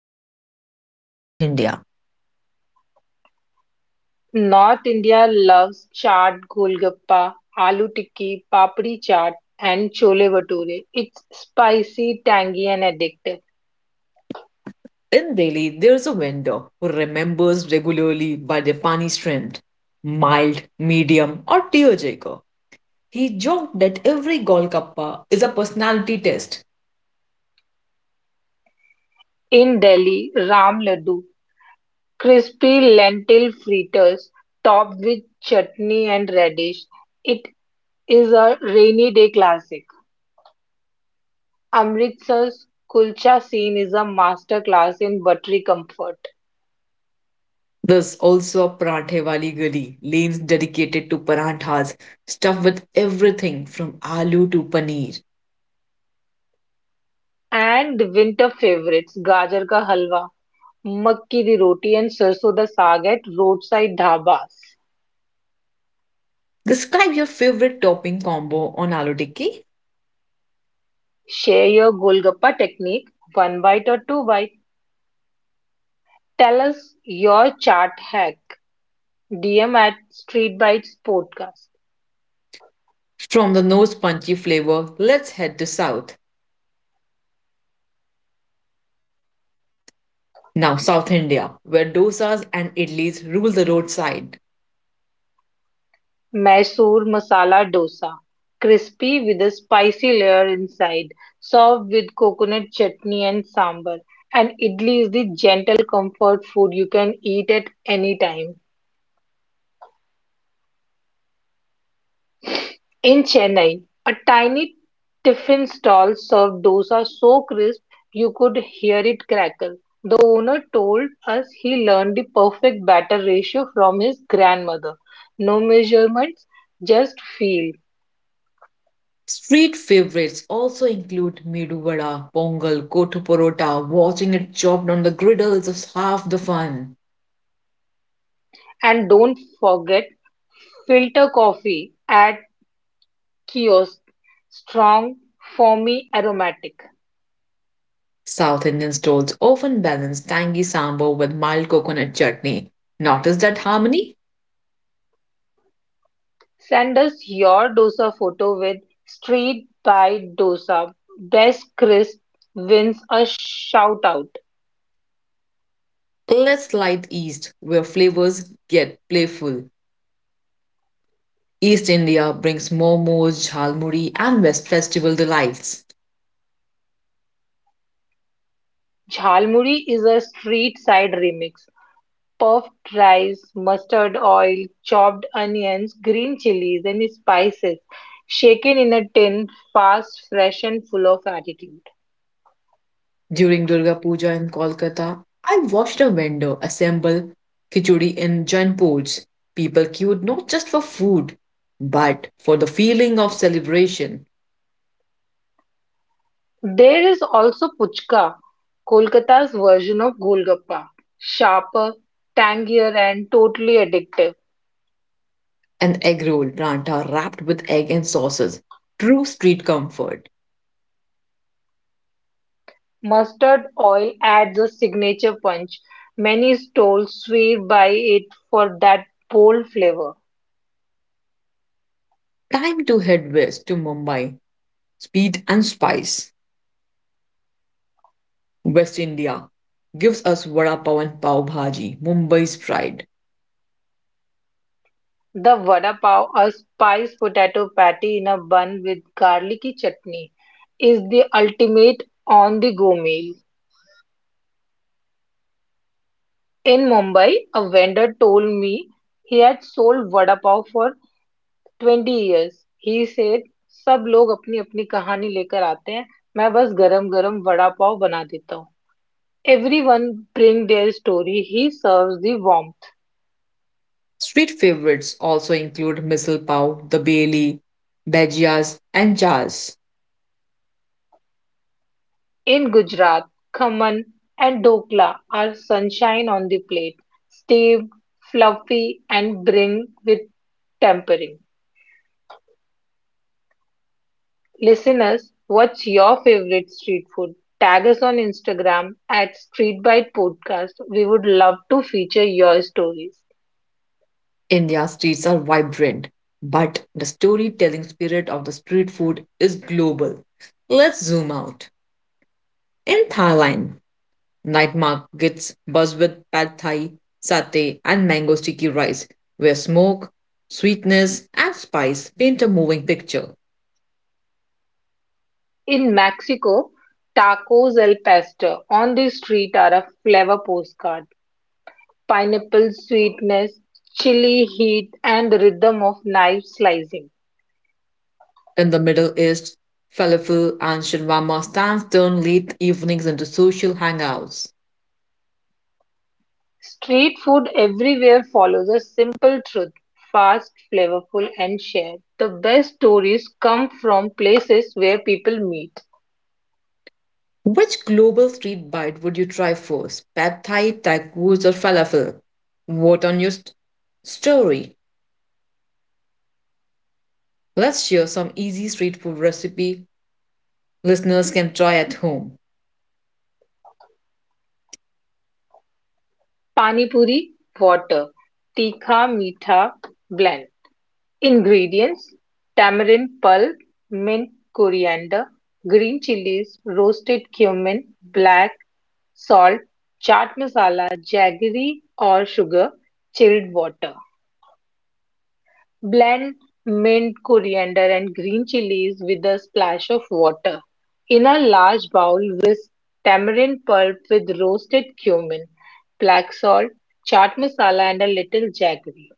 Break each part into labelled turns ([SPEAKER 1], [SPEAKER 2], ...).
[SPEAKER 1] First stop, North India.
[SPEAKER 2] North India loves chaat, golgappa, aloo tikki, papdi chaat, and chole bhature. It's spicy, tangy, and addictive.
[SPEAKER 1] In Delhi, there's a vendor who remembers regularly by their pani strength, mild, medium, or tearjerker. He joked that every Golgappa is a personality test.
[SPEAKER 2] In Delhi, Ram Laddu, crispy lentil fritters topped with chutney and radish. It is a rainy day classic. Amritsar's kulcha scene is a masterclass in buttery comfort.
[SPEAKER 1] There's also a Parathe Wali Gali, lanes dedicated to paranthas, stuffed with everything from aloo to paneer.
[SPEAKER 2] And the winter favorites, gajar ka halwa, makki di roti and sarson da saag at roadside dhabas.
[SPEAKER 1] Describe your favorite topping combo on aloo tikki.
[SPEAKER 2] Share your golgappa technique, one bite or two bite. Tell us your chart hack. DM at Street Bites Podcast.
[SPEAKER 1] From the nose punchy flavor, let's head to south. Now, South India, where dosas and idlis rule the roadside.
[SPEAKER 2] Mysore masala dosa, crispy with a spicy layer inside, served with coconut chutney and sambar. And idli is the gentle comfort food you can eat at any time. In Chennai, a tiny tiffin stall served dosa so crisp you could hear it crackle. The owner told us he learned the perfect batter ratio from his grandmother. No measurements, just feel.
[SPEAKER 1] Street favorites also include medu vada, pongal, kothu porota. Watching it chopped on the griddle is half the fun.
[SPEAKER 2] And don't forget filter coffee at kiosk. Strong, foamy, aromatic.
[SPEAKER 1] South Indian stalls often balance tangy sambar with mild coconut chutney. Notice that harmony?
[SPEAKER 2] Send us your dosa photo with street by dosa. Best crisp wins a shout out.
[SPEAKER 1] Let's slide east, where flavors get playful. East India brings momos, jhalmuri, and West Festival delights.
[SPEAKER 2] Jhalmuri is a street side remix. Puffed rice, mustard oil, chopped onions, green chilies, and spices. Shaken in a tin, fast, fresh, and full of attitude.
[SPEAKER 1] During Durga Puja in Kolkata, I watched a vendor assemble khichdi in giant pots. People queued not just for food, but for the feeling of celebration.
[SPEAKER 2] There is also puchka, Kolkata's version of golgappa, sharper, tangier, and totally addictive.
[SPEAKER 1] An egg roll pranta wrapped with egg and sauces. True street comfort.
[SPEAKER 2] Mustard oil adds a signature punch. Many stalls swear by it for that bold flavor.
[SPEAKER 1] Time to head west to Mumbai. Speed and spice. West India gives us vada pav and pav bhaji, Mumbai's pride.
[SPEAKER 2] The vada pav, a spiced potato patty in a bun with garlicky chutney, is the ultimate on-the-go meal. In Mumbai, a vendor told me he had sold vada pav for twenty years. He said, सब लोग अपनी अपनी कहानी लेकर आते हैं, मैं बस गरम गरम वड़ा पाव बना देता हूँ. Everyone bring their story, he serves the warmth.
[SPEAKER 1] Street favorites also include misal pav, the beli, bhajias, and chaas.
[SPEAKER 2] In Gujarat, khaman and dhokla are sunshine on the plate. Steamed, fluffy, and bring with tempering. Listeners, what's your favorite street food? Tag us on Instagram at Street Bite Podcast. We would love to feature your stories.
[SPEAKER 1] India's streets are vibrant, but the storytelling spirit of the street food is global. Let's zoom out. In Thailand, night markets buzz with pad thai, satay, and mango sticky rice, where smoke, sweetness, and spice paint a moving picture.
[SPEAKER 2] In Mexico, tacos al pastor on the street are a flavor postcard. Pineapple sweetness, chili heat, and the rhythm of knife slicing.
[SPEAKER 1] In the Middle East, falafel and shawarma stands turn late evenings into social hangouts.
[SPEAKER 2] Street food everywhere follows a simple truth: fast, flavorful, and shared. The best stories come from places where people meet.
[SPEAKER 1] Which global street bite would you try first? Pad Thai, tacos, or falafel? Vote on your story. Let's share some easy street food recipe listeners can try at home.
[SPEAKER 2] Pani puri, water, tikha meetha blend. Ingredients: tamarind pulp, mint, coriander, green chilies, roasted cumin, black salt, chaat masala, jaggery or sugar, chilled water. Blend mint, coriander and green chilies with a splash of water. In a large bowl, whisk tamarind pulp with roasted cumin, black salt, chaat masala and a little jaggery.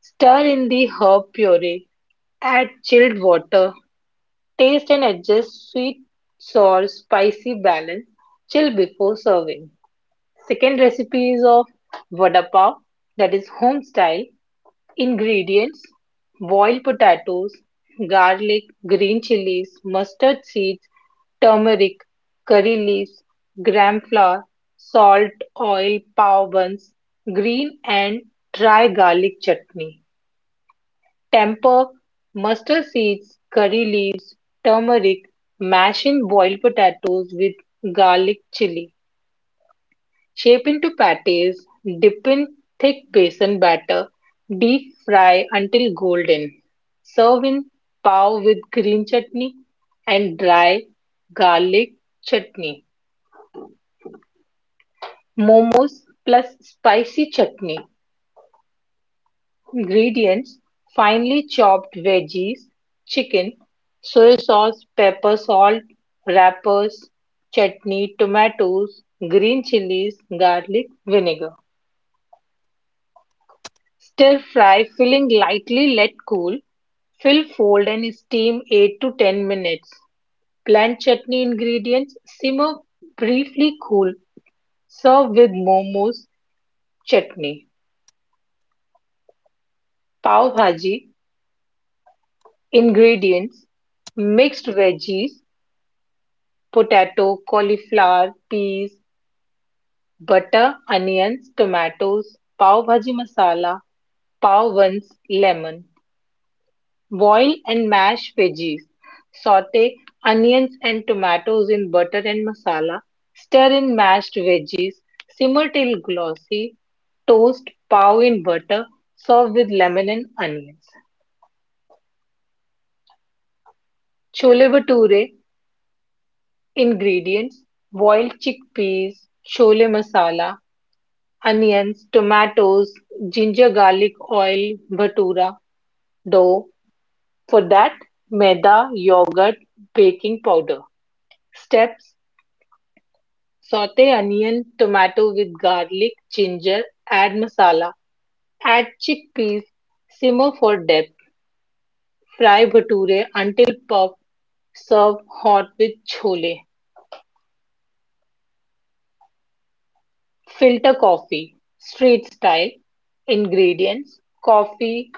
[SPEAKER 2] Stir in the herb puree. Add chilled water, taste and adjust sweet, sour, spicy balance. Chill before serving. Second recipe is of vada pav that is home style. Ingredients: boiled potatoes, garlic, green chilies, mustard seeds, turmeric, curry leaves, gram flour, salt, oil, pav buns, green and dry garlic chutney. Temper mustard seeds, curry leaves, turmeric, mash in boiled potatoes with garlic chili. Shape into patties, dip in thick besan batter, deep fry until golden. Serve in pav with green chutney and dry garlic chutney. Momos plus spicy chutney. Ingredients: finely chopped veggies, chicken, soy sauce, pepper, salt, wrappers, chutney, tomatoes, green chilies, garlic, vinegar. Stir fry filling lightly, let cool. Fill, fold, and steam 8 to 10 minutes. Blend chutney ingredients, simmer briefly, cool. Serve with momos, chutney. Pav bhaji ingredients: mixed veggies, potato, cauliflower, peas, butter, onions, tomatoes, pav bhaji masala, pav buns, lemon. Boil and mash veggies. Saute onions and tomatoes in butter and masala. Stir in mashed veggies. Simmer till glossy. Toast pav in butter. Serve with lemon and onions. Chole bhature ingredients: boiled chickpeas, chole masala, onions, tomatoes, ginger garlic oil, bhatura dough. For that, maida, yogurt, baking powder. Steps: saute onion, tomato with garlic, ginger, add masala, add chickpeas, simmer for depth, fry bhature until puff, serve hot with chole. Filter coffee, street style. Ingredients: coffee,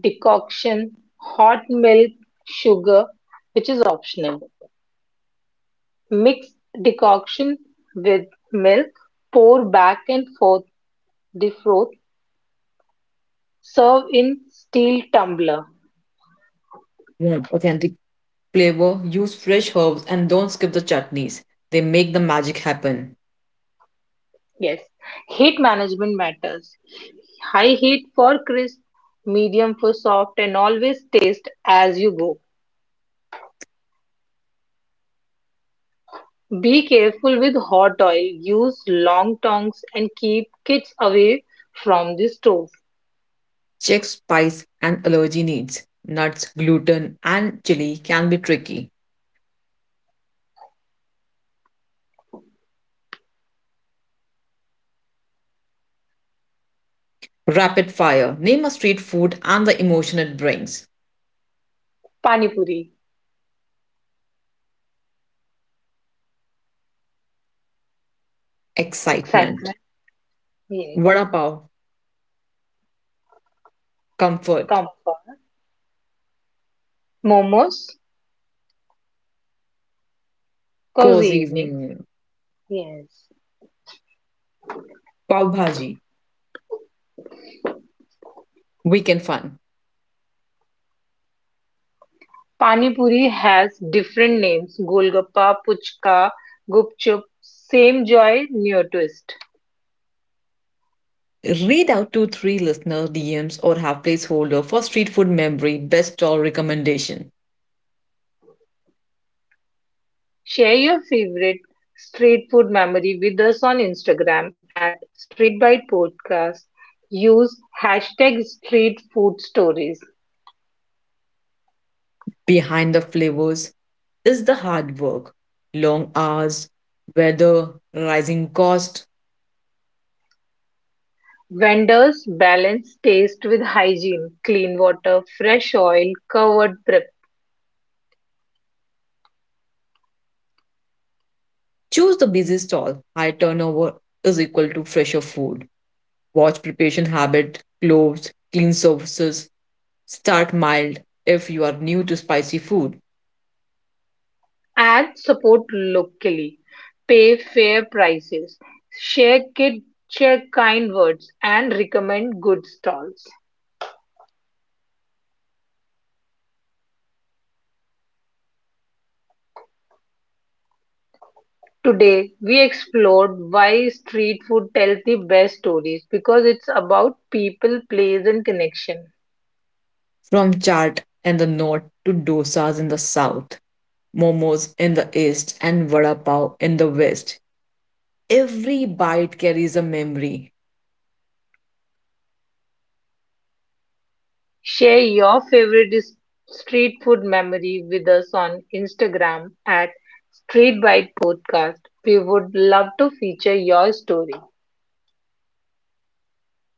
[SPEAKER 2] decoction, hot milk, sugar, which is optional. Mix decoction with milk, pour back and forth, defrost, serve in steel tumbler.
[SPEAKER 1] Want authentic flavor? Use fresh herbs and don't skip the chutneys. They make the magic happen.
[SPEAKER 2] Yes. Heat management matters. High heat for crisp, medium for soft, and always taste as you go. Be careful with hot oil, use long tongs and keep kids away from the stove.
[SPEAKER 1] Check spice and allergy needs. Nuts, gluten, and chili can be tricky. Rapid fire. Name a street food and the emotion it brings.
[SPEAKER 2] Pani puri,
[SPEAKER 1] Excitement.
[SPEAKER 2] excitement, yes.
[SPEAKER 1] Vada pav. Comfort.
[SPEAKER 2] Comfort. Momos, cozy
[SPEAKER 1] Cozy
[SPEAKER 2] evening,
[SPEAKER 1] evening,
[SPEAKER 2] yes.
[SPEAKER 1] pav bhaji, weekend fun.
[SPEAKER 2] Pani puri has different names. Golgappa, puchka, gupchup, same joy, new twist.
[SPEAKER 1] Read out to three listener DMs or have placeholder for street food memory best stall recommendation.
[SPEAKER 2] Share your favorite street food memory with us on Instagram at Street Bite Podcast. Use hashtag street food stories.
[SPEAKER 1] Behind the flavors is the hard work, long hours, weather, rising cost.
[SPEAKER 2] Vendors balance taste with hygiene, clean water, fresh oil, covered prep,
[SPEAKER 1] Choose the busy stall. High turnover is equal to fresher food. Watch preparation habit, clothes, clean services. Start mild if you are new to spicy food.
[SPEAKER 2] and support locally. Pay fair prices, share kid, share kind words, and recommend good stalls. Today, we explored why street food tells the best stories because it's about people, place, and connection.
[SPEAKER 1] From chaat in the north to dosas in the south, momos in the east, and vada pav in the west, every bite carries a memory.
[SPEAKER 2] Share your favorite street food memory with us on Instagram at Street Bite Podcast. We would love to feature your story.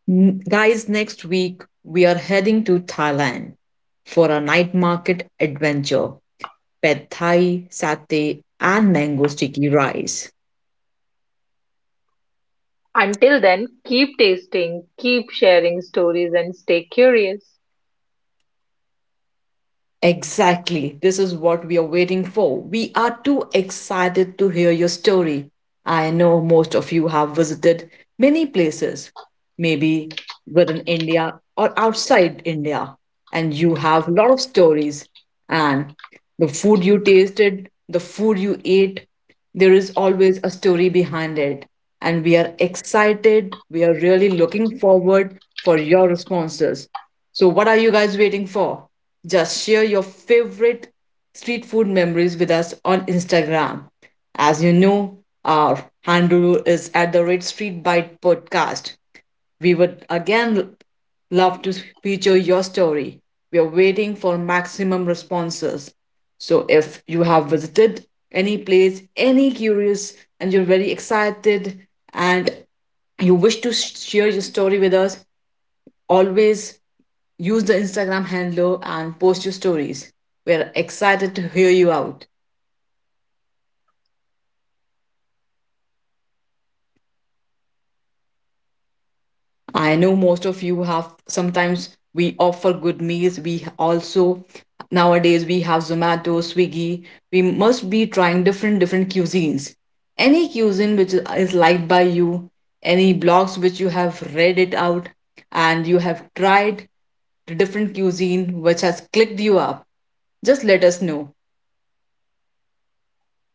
[SPEAKER 1] Guys, next week we are heading to Thailand for a night market adventure. Pad Thai, satay, and mango sticky rice.
[SPEAKER 2] Until then, keep tasting, keep sharing stories, and stay curious.
[SPEAKER 1] Exactly. This is what we are waiting for. We are too excited to hear your story. I know most of you have visited many places, maybe within India or outside India. And you have a lot of stories. And the food you tasted, the food you ate, there is always a story behind it. And we are excited. We are really looking forward for your responses. So, what are you guys waiting for? Just share your favorite street food memories with us on Instagram. As you know, our handle is at the Red Street Bite podcast. We would again love to feature your story. We are waiting for maximum responses. So if you have visited any place, any curious, and you're very excited and you wish to share your story with us, always use the Instagram handle and post your stories. We're excited to hear you out. I know most of you have sometimes we offer good meals. We also nowadays we have Zomato, Swiggy. We must be trying different cuisines. Any cuisine which is liked by you, any blogs which you have read it out and you have tried the different cuisine which has clicked you up, just let us know.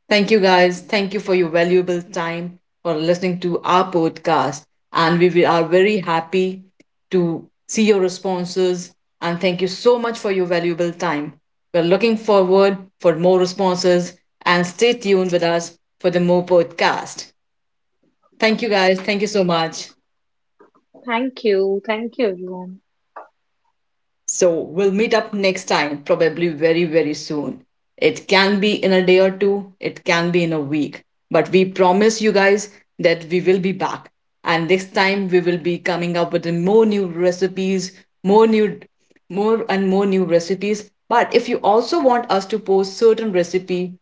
[SPEAKER 1] Thank you, guys. Thank you for your valuable time for listening to our podcast. And are very happy to see your responses. And thank you so much for your valuable time. We're looking forward for more responses and stay tuned with us for the more podcast. Thank you, guys. Thank you so much.
[SPEAKER 2] Thank you. Thank you, everyone.
[SPEAKER 1] So we'll meet up next time, probably very, very soon. It can be in a day or two, it can be in a week. But we promise you guys that we will be back. And this time we will be coming up with more new recipes, more new more and more new recipes. But if you also want us to post certain recipe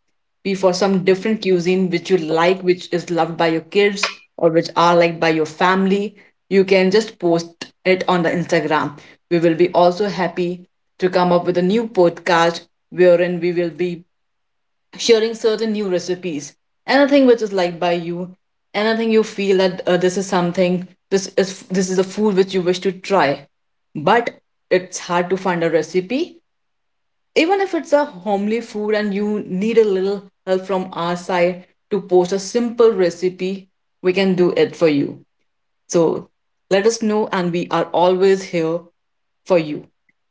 [SPEAKER 1] be for some different cuisine which you like, which is loved by your kids or which are liked by your family, you can just post it on the Instagram. We will be also happy to come up with a new podcast wherein we will be sharing certain new recipes. Anything which is liked by you, anything you feel that this is something, this is a food which you wish to try, but it's hard to find a recipe even if it's a homely food and you need a little help from our side to post a simple recipe, we can do it for you. So let us know, and we are always here for you.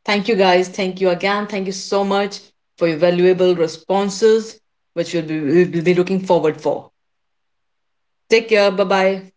[SPEAKER 1] Thank you guys. Thank you again. Thank you so much for your valuable responses, which we'll be looking forward for. Take care. Bye bye.